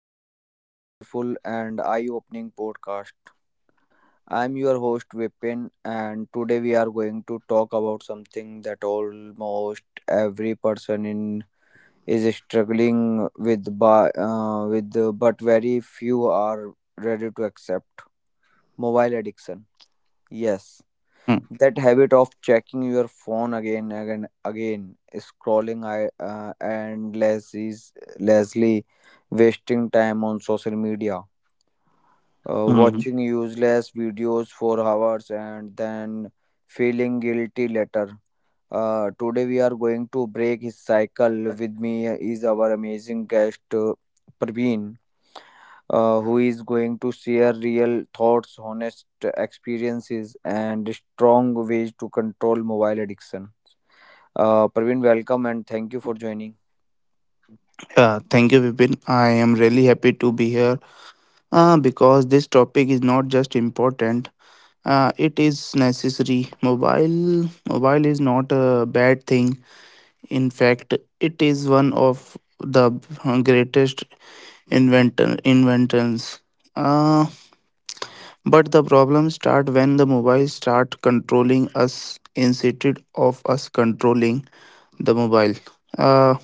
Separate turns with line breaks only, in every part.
to today's powerful and eye opening podcast. I'm your host, Vipin, and today we are going to talk about something that almost every person in is struggling with, but very few are ready to accept mobile addiction. Yes,
Mm,
that habit of checking your phone again and again, scrolling and Leslie wasting time on social media,
mm.
watching useless videos for hours and then feeling guilty later. Today we are going to break his cycle. With me is our amazing guest, Praveen, who is going to share real thoughts, honest experiences, and strong ways to control mobile addiction. Praveen, welcome and thank you for joining.
Yeah, thank you, Vipin. I am really happy to be here because this topic is not just important; it is necessary. Mobile is not a bad thing. In fact, it is one of the greatest inventor inventions. Uh, but the problems start when the mobile start controlling us instead of us controlling the mobile. Uh,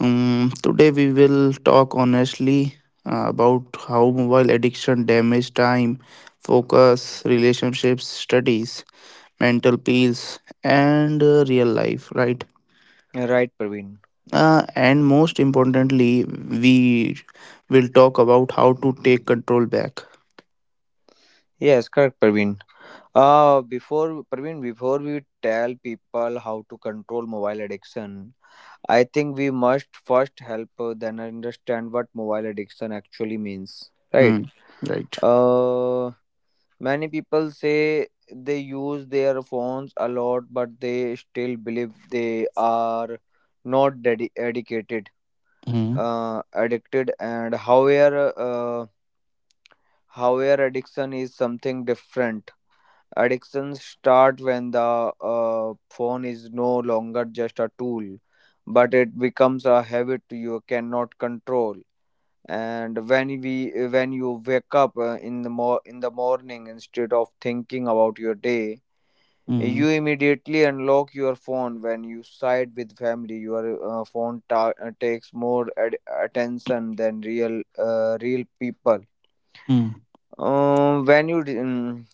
today we will talk honestly about how mobile addiction damages time, focus, relationships, studies, mental peace, and real life, right?
Right, Praveen.
And most importantly, we will talk about how to take control back.
Yes, correct, Praveen. Before we tell people how to control mobile addiction, I think we must first help then understand what mobile addiction actually means, right?
Hmm. Right.
Uh, Many people say they use their phones a lot, but they still believe they are not dedicated,
Mm,
addicted, and however, addiction is something different. Addictions start when the phone is no longer just a tool, but it becomes a habit you cannot control. And when you wake up in the morning, instead of thinking about your day,
mm,
you immediately unlock your phone when you side with family. Your phone takes more attention than real people.
mm.
Um, when you d- mm,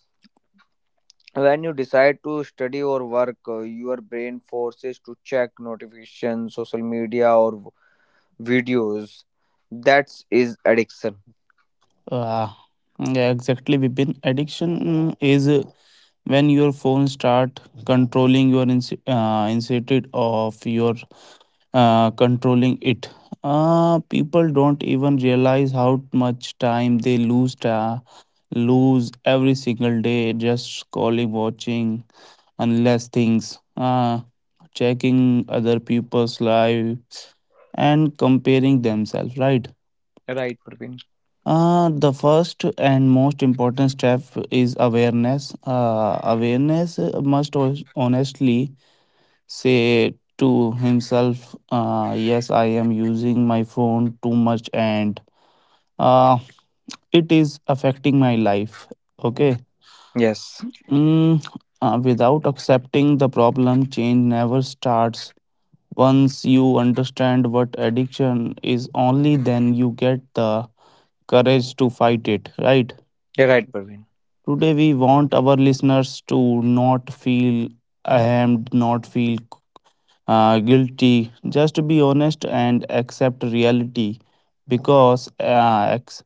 when you decide to study or work, your brain forces to check notifications, social media, or videos. That's addiction,
Uh, yeah, exactly, Vipin. Addiction is when your phone start controlling your instead of your controlling it. People don't even realize how much time they lose every single day, just scrolling, watching unless things, checking other people's lives and comparing themselves, right?
right, Praveen?
The first and most important step is awareness. Awareness must honestly say to himself, "Yes, I am using my phone too much, and uh, it is affecting my life." Okay.
Yes,
Mm, Without accepting the problem, change never starts. Once you understand what addiction is only, then you get the courage to fight it, right?
you're right, Praveen.
Today, we want our listeners to not feel ashamed, not feel guilty. Just be honest and accept reality, because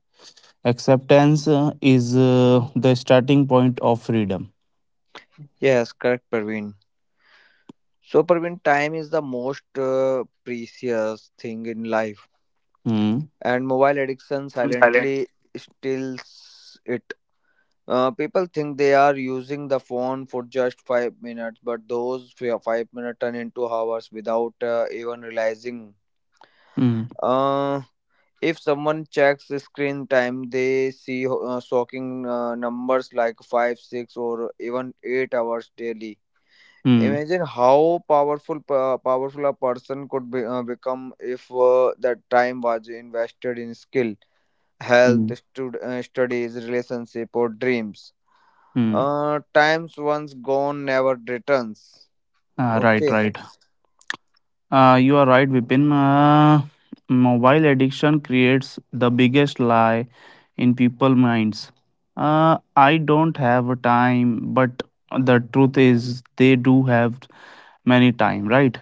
acceptance is the starting point of freedom.
Yes, correct, Praveen. So, Praveen, time is the most precious thing in life,
Hmm.
and mobile addiction silently steals it. People think they are using the phone for just 5 minutes, but those 5 minutes turn into hours without even realizing.
Hmm.
Uh, if someone checks the screen time, they see shocking numbers like 5, 6, or even 8 hours daily.
Hmm.
Imagine how powerful a person could become if that time was invested in skill, health,
Hmm.
studies, relationship, or dreams.
Hmm.
Times once gone never returns.
Ah, right,
Okay.
right. You are right, Vipin. Mobile addiction creates the biggest lie in people's minds. I don't have time, but the truth is they do have many time, right?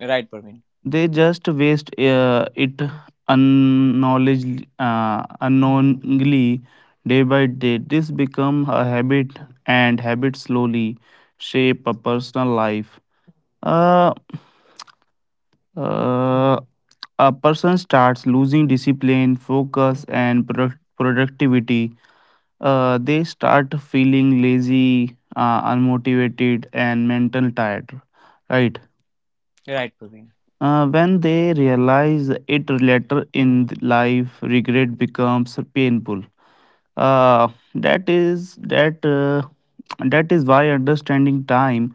Right, Praveen.
They just waste it unknowingly, day by day. This become a habit, and habits slowly shape a personal life. Uh, uh, a person starts losing discipline, focus, and productivity. They start feeling lazy, unmotivated, and mental tired. Right.
Right, Praveen.
When they realize it later in life, regret becomes painful. Uh, that is that uh, that is why understanding time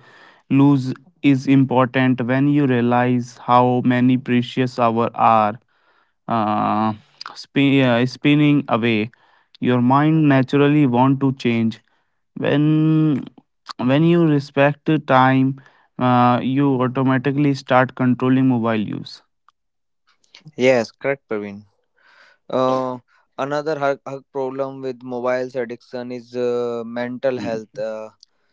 lose is important, when you realize how many precious hours are uh, spinning away. Your mind naturally want to change when you respect the time, you automatically start controlling mobile use.
Yes, correct, Praveen. Uh, Another hug problem with mobiles addiction is mental
Mm.
health.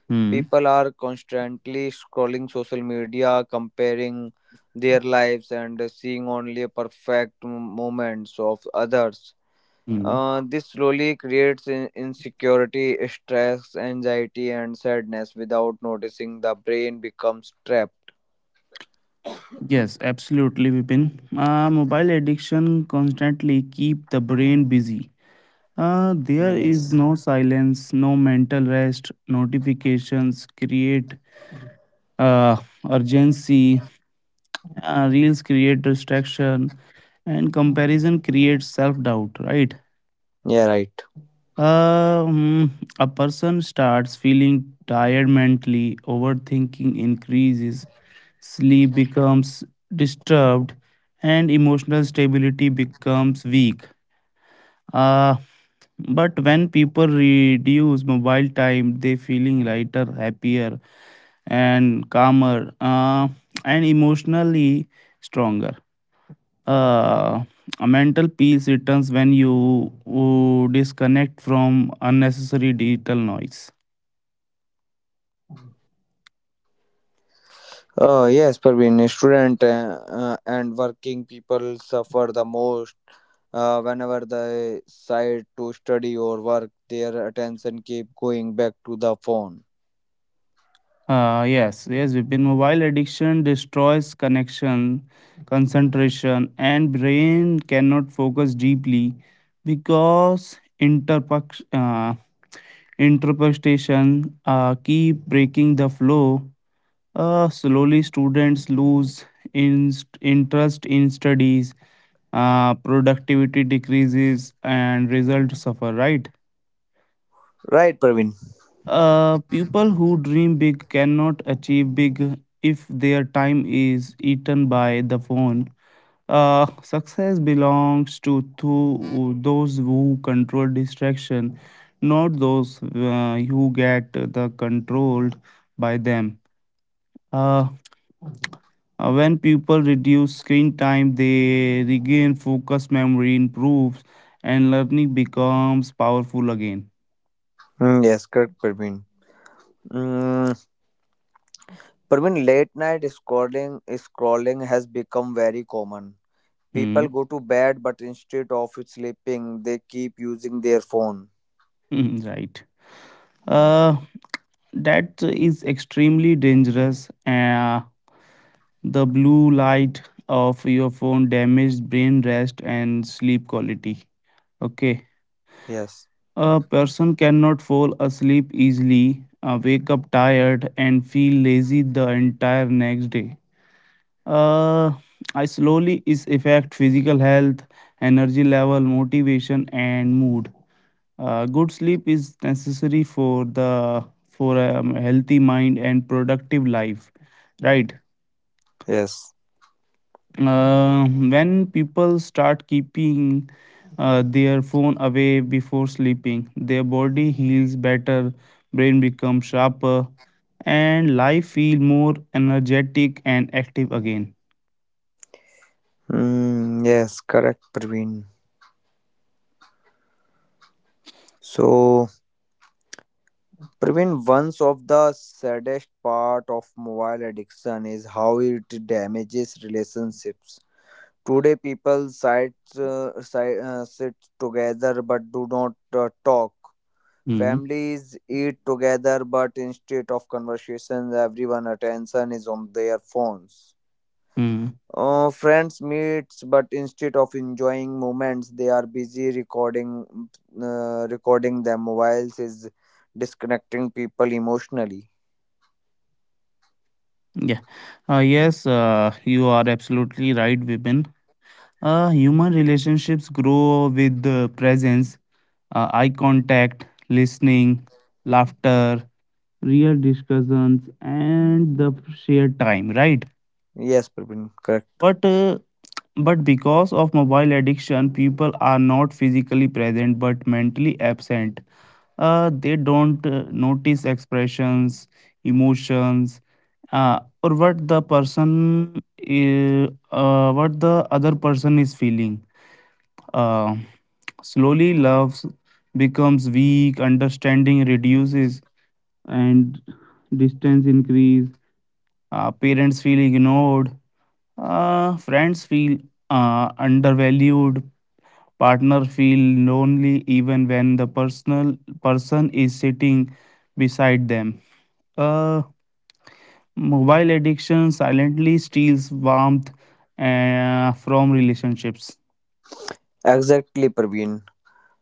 Hmm.
People are constantly scrolling social media, comparing their lives, and seeing only perfect moments of others.
Hmm.
This slowly creates insecurity, stress, anxiety, and sadness. Without noticing, the brain becomes trapped.
Yes, absolutely, Vipin. Mobile addiction constantly keep the brain busy. There is
Yes.
no silence, no mental rest. Notifications create uh, urgency. Reels create distraction, and comparison creates self doubt, right?
Yeah, right.
Uh, hmm, a person starts feeling tired mentally, overthinking increases, sleep becomes disturbed, and emotional stability becomes weak. Uh, but when people reduce mobile time, they feeling lighter, happier, and calmer, and emotionally stronger. Uh, a mental peace returns when you disconnect from unnecessary digital noise.
Yes, Praveen, student and working people suffer the most whenever they decide to study or work. Their attention keep going back to the phone.
Yes, yes, Vipin. Mobile addiction destroys connection, concentration, and brain cannot focus deeply because interpretation keep breaking the flow. Slowly, students lose in, interest in studies, productivity decreases, and results suffer, right?
Right, Praveen.
People who dream big cannot achieve big if their time is eaten by the phone. Success belongs to those who control distraction, not those who get the controlled by them. Uh, when people reduce screen time, they regain focus, memory improves, and learning becomes powerful again.
Mm, yes, correct, Praveen. Mm, Praveen, late night scrolling has become very common.
Hmm.
People go to bed, but instead of sleeping, they keep using their phone.
Right. Uh, that is extremely dangerous. The blue light of your phone damages brain rest and sleep quality. Okay.
Yes,
A person cannot fall asleep easily, wake up tired, and feel lazy the entire next day. Uh, I slowly is affect physical health, energy level, motivation, and mood. Good sleep is necessary for a healthy mind and productive life. Right.
yes,
When people start keeping their phone away before sleeping, their body heals better, brain becomes sharper, and life feel more energetic and active again.
mm, yes, correct, Praveen. So, Praveen, one of the saddest part of mobile addiction is how it damages relationships. Today, people sit together but do not talk.
Mhm.
Families eat together, but instead of conversations, everyone attention is on their phones. Friends meets, but instead of enjoying moments, they are busy recording their mobiles is disconnecting people emotionally.
Yeah. Yes, you are absolutely right, Vipin. Human relationships grow with the presence, eye contact, listening, laughter, real discussions, and the shared time, right?
Yes, Praveen, correct.
But uh, but because of mobile addiction, people are not physically present but mentally absent. They don't notice expressions, emotions, or what the other person is feeling. Uh, slowly, love becomes weak, understanding reduces, and distance increase. Parents feel ignored. Friends feel undervalued. Partner feel lonely even when the person is sitting beside them. Uh, mobile addiction silently steals warmth from relationships.
Exactly, Praveen.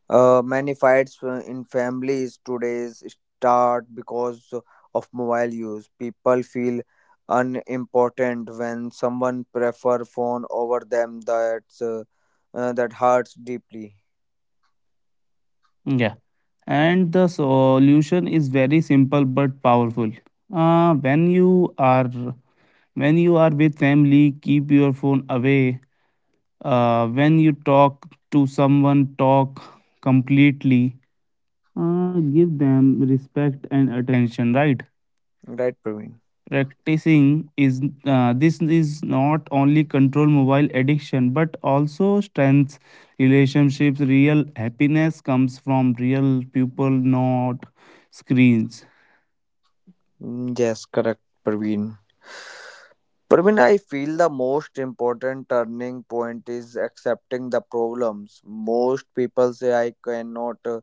Many fights in families today's start because of mobile use. People feel unimportant when someone prefer phone over them. That hurts deeply.
Yeah, and the solution is very simple but powerful. Uh, when you are when you are with family, keep your phone away. When you talk to someone, talk completely. Give them respect and attention. Right.
Right, Praveen.
Practicing is this is not only control mobile addiction but also strengths relationships. Real happiness comes from real people, not screens.
Mm, yes, correct, Praveen. Praveen, I feel the most important turning point is accepting the problems. Most people say I cannot,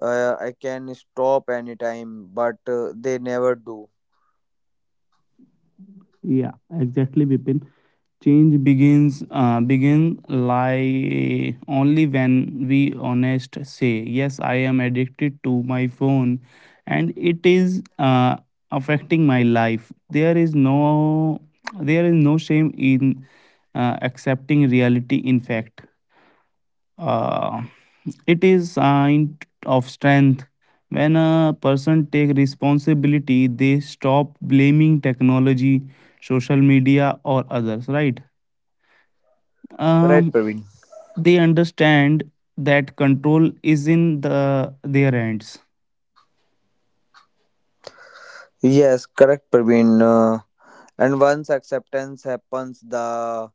I can stop anytime, but they never do.
Yeah, exactly, Bipin. Change begins begin lie only when we honest say, yes, I am addicted to my phone, and it is affecting my life. There is no shame in accepting reality. In fact, uh, it is sign of strength when a person take responsibility. They stop blaming technology, social media, or others, right?
Right,
um,
Praveen?
they understand that control is in their hands.
Yes, correct, Praveen. And once acceptance happens, the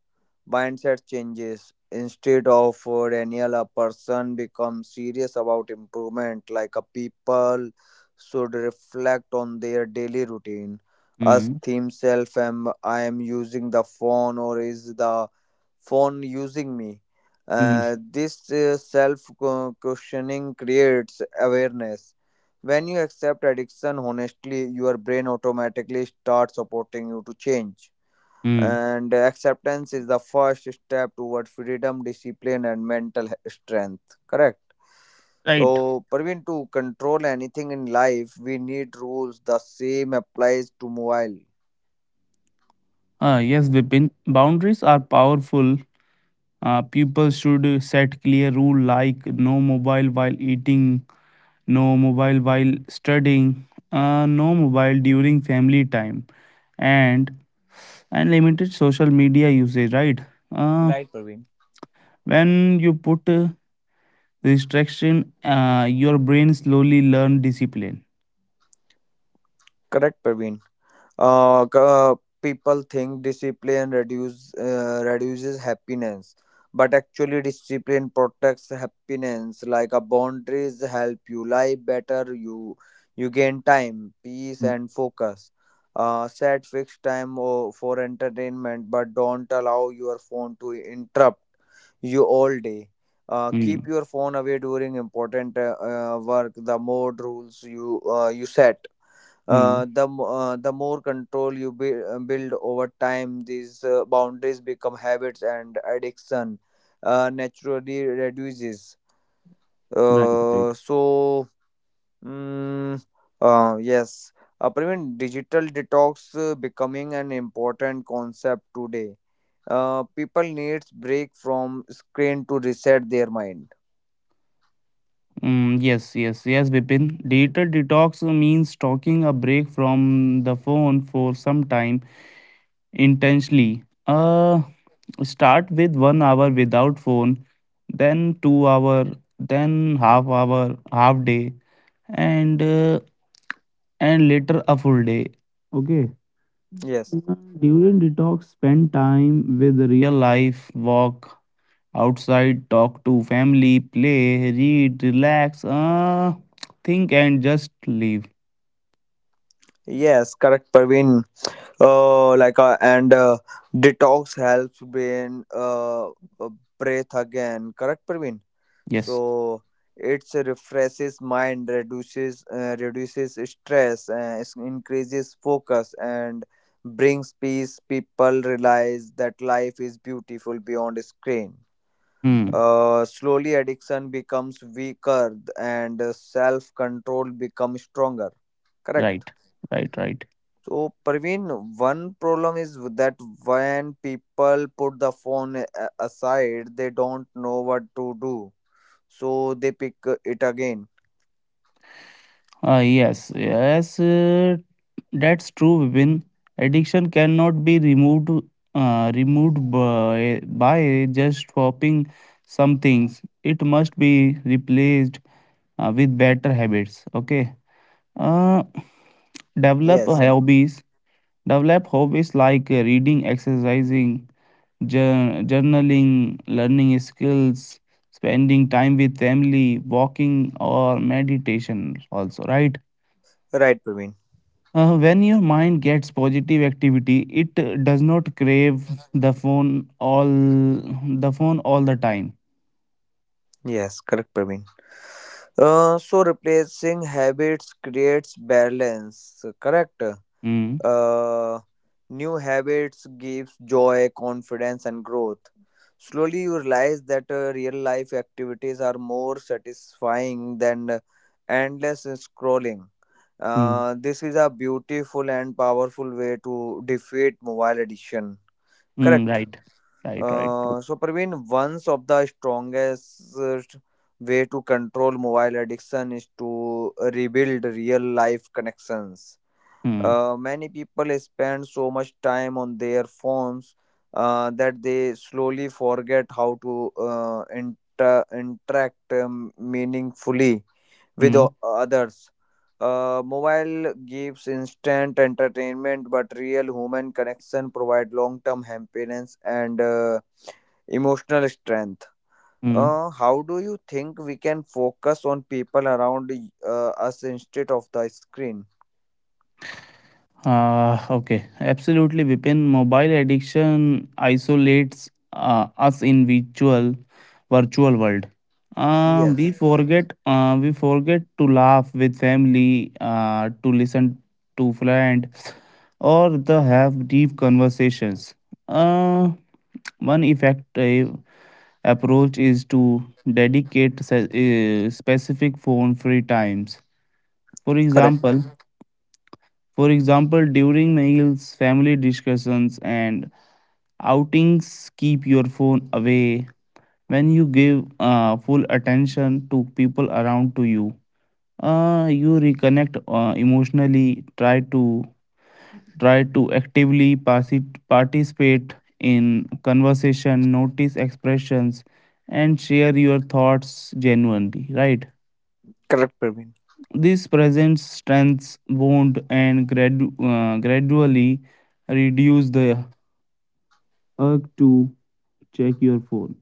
mindset changes. Instead of Daniel, a person becomes serious about improvement, like a people should reflect on their daily routine. Ask
Mm.
themselves, am I am using the phone or is the phone using me.
Mhm.
This self questioning creates awareness. When you accept addiction honestly, your brain automatically starts supporting you to change.
Mm.
And acceptance is the first step toward freedom, discipline, and mental strength. Correct.
Right.
So, Parveen, to control anything in life, we need rules. The same applies to mobile.
Yes, Vipin. Boundaries are powerful. People should set clear rule like no mobile while eating, no mobile while studying, no mobile during family time, and and limited social media usage, right? Uh,
Right, Praveen.
when you put restriction, your brain slowly learn discipline.
Correct, Parveen. uh, c- People think discipline reduces happiness, but actually discipline protects happiness, like a boundaries help you live better. You gain time, peace, and focus. Set fixed time for entertainment, but don't allow your phone to interrupt you all day. Keep
Hmm.
your phone away during important work. The more rules you set,
Hmm.
the more control build over time. These boundaries become habits, and addiction naturally reduces.
Right. Right.
Uh, so, mm, uh, yes, Praveen, digital detox becoming an important concept today. People needs break from screen to reset their mind.
Yes, yes, yes, Vipin. Digital detox means talking a break from the phone for some time intentionally. Start with 1 hour without phone, then 2 hour, then half hour, half day, and uh, and later a full day. Okay.
Yes,
Uh, During detox, spend time with real life, walk outside, talk to family, play, read, relax, think, and just leave.
yes, correct, Praveen. Like and Detox helps brain uh, breath again. Correct, Praveen?
Yes.
So it's, refreshes mind, reduces stress, increases focus, and brings peace. People realize that life is beautiful beyond screen.
Hmm.
Slowly addiction becomes weaker and self control becomes stronger. Correct.
Right. Right. Right.
So, Parveen, one problem is that when people put the phone aside, they don't know what to do. So they pick it again.
Yes, yes, that's true, Vipin. Addiction cannot be removed removed by just swapping some things. It must be replaced with better habits. Okay. Uh, develop
Yes,
hobbies. Develop hobbies like reading, exercising, journaling, learning skills, spending time with family, walking, or meditation. Also, right?
right, Praveen.
When your mind gets positive activity, it does not crave the phone all the phone all the time.
Yes, correct, Praveen. So replacing habits creates balance, correct?
Mm,
Uh, New habits gives joy, confidence, and growth. Slowly, you realize that real life activities are more satisfying than endless scrolling.
mm,
This is a beautiful and powerful way to defeat mobile addiction.
mm,
Correct.
right, right, right. True.
So, Praveen, one of the strongest way to control mobile addiction is to rebuild real life connections.
Mm,
Many people spend so much time on their phones that they slowly forget how to interact meaningfully with
mm,
others. Mobile gives instant entertainment, but real human connection provide long-term happiness and emotional strength.
mm.
How do you think we can focus on people around us instead of the screen?
Okay, absolutely, Vipin. Mobile addiction isolates us in virtual world. Uh,
Yes,
we forget, uh, we forget to laugh with family, to listen to friends, or the have deep conversations. Uh, one effective approach is to dedicate specific phone-free times. For
correct,
example, for example, during meals, family discussions, and outings, keep your phone away. When you give full attention to people around to you, you reconnect emotionally. Try to actively participate in conversation, notice expressions, and share your thoughts genuinely, right?
correct, Praveen.
This presence strengths wound and gradually reduce the urge to check your phone.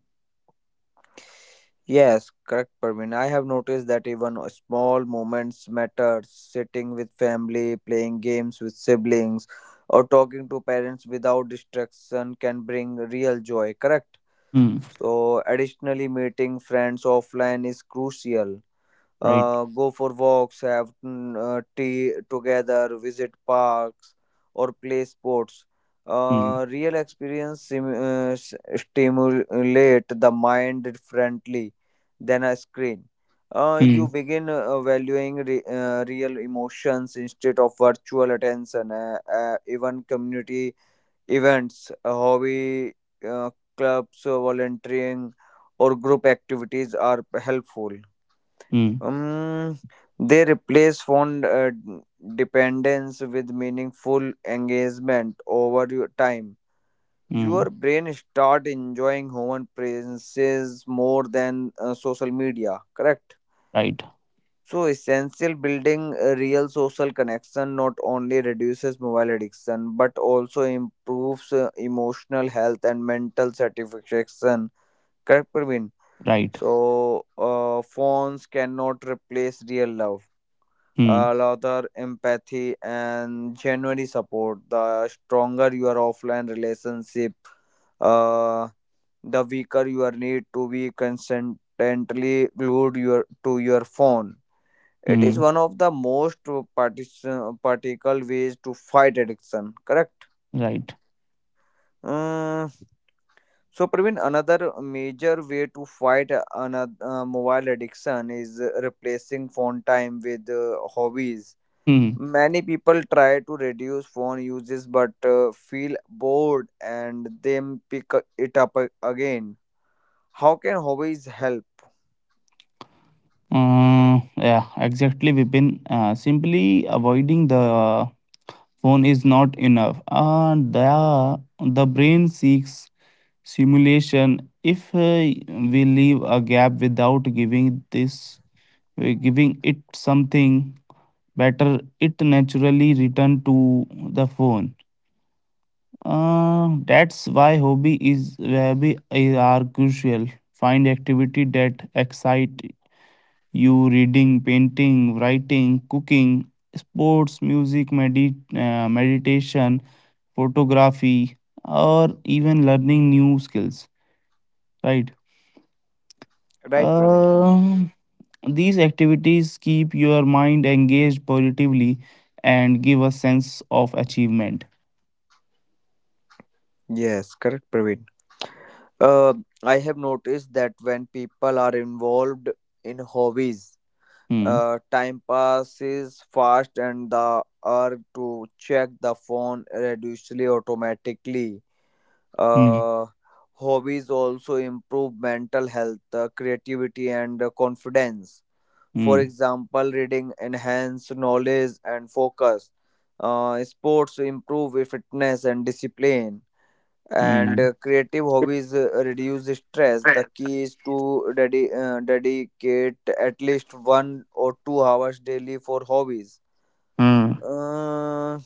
Yes, correct, Parveen. I have noticed that even small moments matter. Sitting with family, playing games with siblings, or talking to parents without distraction can bring real joy, correct?
Hmm.
So, additionally, meeting friends offline is crucial.
Right.
Go for walks, have tea together, visit parks, or play sports.
Hmm.
Real experience stimulate the mind differently than a screen.
Hmm.
You begin valuing real emotions instead of virtual attention. Even community events, hobby uh, clubs, volunteering, or group activities are helpful.
Hmm.
Um, they replace fond dependence with meaningful engagement over your time. Your
Hmm.
brain start enjoying human presences more than social media. Correct.
Right.
So essential building a real social connection not only reduces mobile addiction but also improves emotional health and mental satisfaction. Correct, Praveen.
Right.
So phones cannot replace real love,
Hmm.
rather empathy and genuine support. The stronger your offline relationship, uh, the weaker your need to be constantly glued to your phone. It is
Hmm.
one of the most particle ways to fight addiction. Correct.
Right.
Mm, so, Praveen, another major way to fight another mobile addiction is replacing phone time with hobbies.
Hmm.
Many people try to reduce phone uses but feel bored and then pick it up again. How can hobbies help?
Yeah. Exactly, Vipin. Simply avoiding the phone is not enough. And the brain seeks simulation. If we leave a gap without giving it something better, it naturally return to the phone. That's why hobby is are crucial. Find activity that excite you: reading, painting, writing, cooking, sports, music, meditation, photography, or even learning new skills, right?
Right, Praveen?
Um, these activities keep your mind engaged positively and give a sense of achievement.
Yes, correct, Praveen. Uh, I have noticed that when people are involved in hobbies,
Hmm.
time passes fast and the urge to check the phone reduces automatically.
Hmm.
uh, Hobbies also improve mental health, creativity, and confidence. For
Hmm.
example, reading enhance knowledge and focus. Sports improve fitness and discipline, and
Hmm.
creative hobbies reduce stress. The key is to dedicate at least 1 or 2 hours daily for hobbies.
Hmm. Hmm.
uh,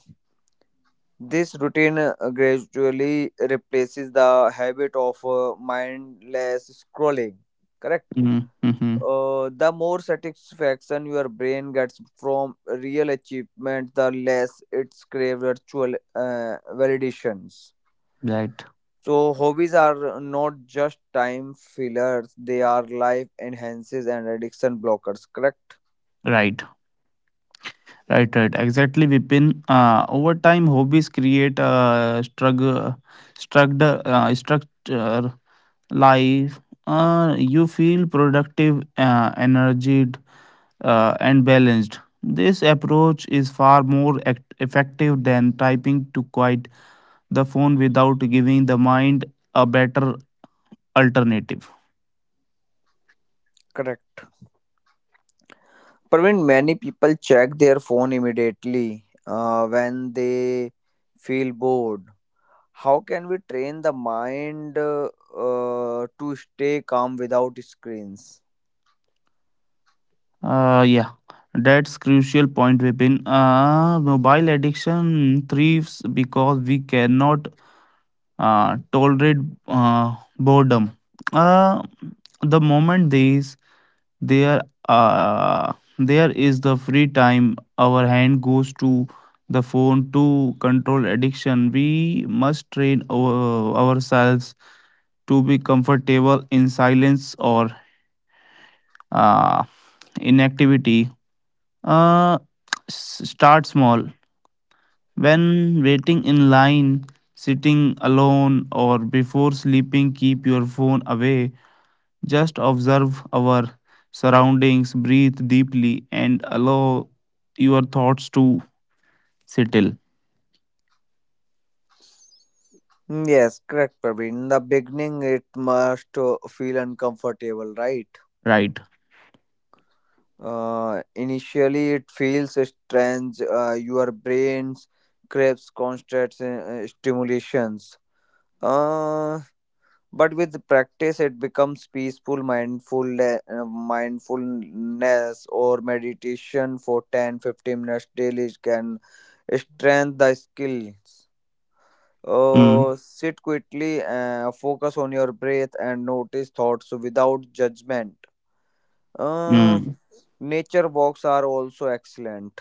this routine gradually replaces the habit of mindless scrolling. Correct?
Hmm. Hmm. Hmm.
The more satisfaction your brain gets from real achievement, the less it's crave virtual validations.
Right.
So hobbies are not just time fillers; they are life enhancers and addiction blockers. Correct?
Right. Right, right, exactly, Vipin. Over time, hobbies create a structure life. You feel productive, energized, and balanced. This approach is far more effective than typing to quiet the phone without giving the mind a better alternative.
Correct. Praveen, many people check their phone immediately when they feel bored. How can we train the mind to stay calm without screens?
Yeah, that's crucial point, Vipin. Mobile addiction thrives because we cannot tolerate boredom. Uh, the moment these there uh, there is the free time, our hand goes to the phone to control addiction. We must train ourselves to be comfortable in silence or uh, inactivity. Uh, s- start small. When waiting in line, sitting alone, or before sleeping, keep your phone away. Just observe our surroundings, breathe deeply, and allow your thoughts to settle.
Mm, yes, correct, Praveen. In the beginning, it must feel uncomfortable, right?
Right.
Initially, it feels strange. Your brains craves constant stimulations. Uh, but with practice it becomes peaceful. Mindfulness or meditation for 10, 15 minutes daily can strengthen the skills.
Mm.
Sit quickly, focus on your breath, and notice thoughts without judgment. uh,
Mm.
Nature walks are also excellent.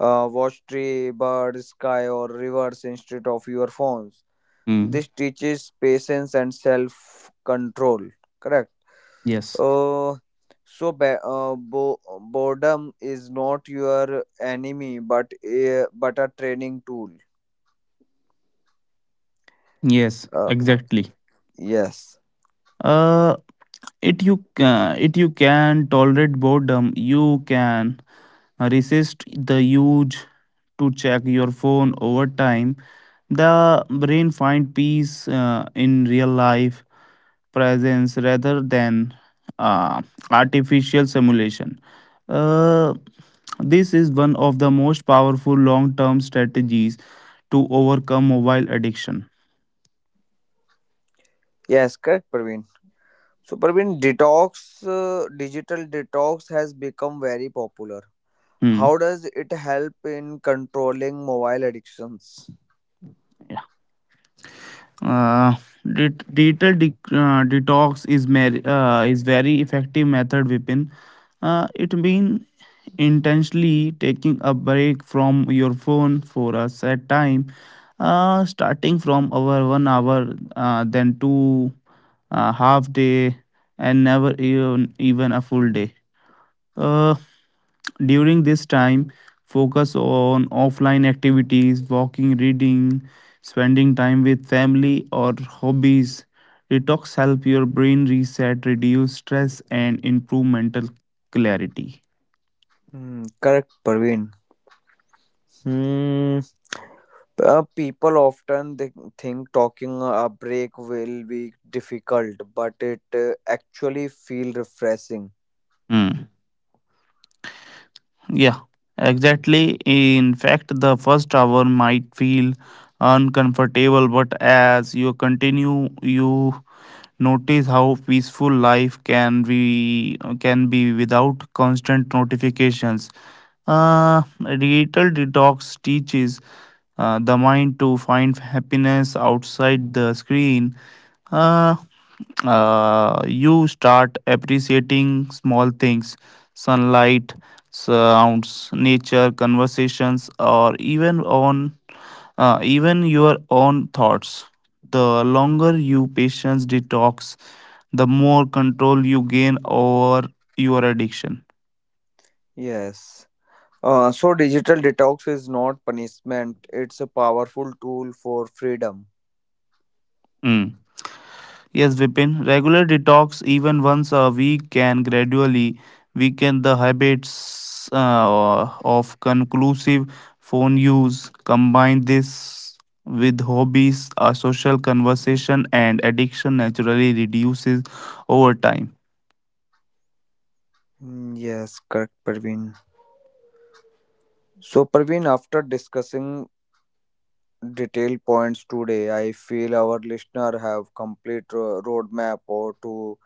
Watch tree, birds, sky, or rivers instead of your phones.
Mm.
This teaches patience and self control. Correct.
Yes.
Uh, so boredom is not your enemy, but a training tool.
Yes.
Uh,
Exactly.
yes,
Uh, it you can tolerate boredom. You can resist the urge to check your phone over time. The brain find peace in real life presence rather than uh, artificial simulation. Uh, this is one of the most powerful long-term strategies to overcome mobile addiction.
yes, correct, Praveen. So, Praveen, digital detox has become very popular. How
Hmm.
does it help in controlling mobile addictions?
Uh, digital detox is very effective method, Vipin. It means intentionally taking a break from your phone for a set time, starting from our 1 hour, then two, half day, and never even a full day. Uh, during this time, focus on offline activities, walking, reading, spending time with family or hobbies. Detox help your brain reset, reduce stress, and improve mental clarity.
Hmm, correct, Praveen. Hmm. People often think talking a break will be difficult, but it actually feel refreshing.
Hmm. Yeah, exactly. In fact, the first hour might feel uncomfortable, but as you continue, you notice how peaceful life can be without constant notifications. Uh, digital detox teaches the mind to find happiness outside the screen. Uh, you start appreciating small things: sunlight, sounds, nature, conversations, or even your own thoughts. The longer you patience detox, the more control you gain over your addiction.
Yes. So digital detox is not punishment; it's a powerful tool for freedom.
Mm. Yes, Vipin, regular detox, even once a week, can gradually weaken the habits of conclusive phone use. Combine this with hobbies, a social conversation, and addiction naturally reduces over time.
Mm, yes, correct, Parveen. So, Parveen, after discussing detailed points today, I feel our listener have complete roadmap or to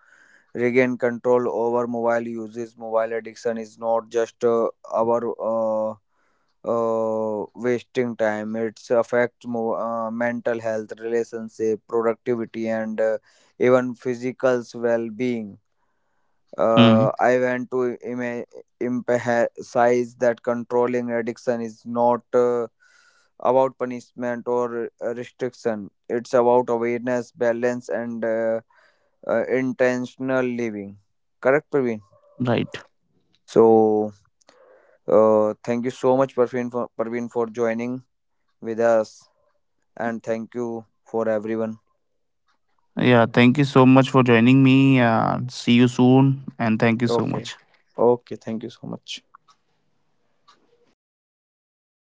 regain control over mobile uses. Mobile addiction is not just our uh, wasting time. It's affect mental health, relationship, productivity, and even physical well-being.
Hmm.
I want to emphasize that controlling addiction is not about punishment or restriction. It's about awareness, balance, and intentional living. Correct, Praveen?
Right.
So, thank you so much, Parveen, for joining with us, and thank you for everyone.
Yeah, thank you so much for joining me. See you soon, and thank you so
Okay,
much.
okay, thank you so much.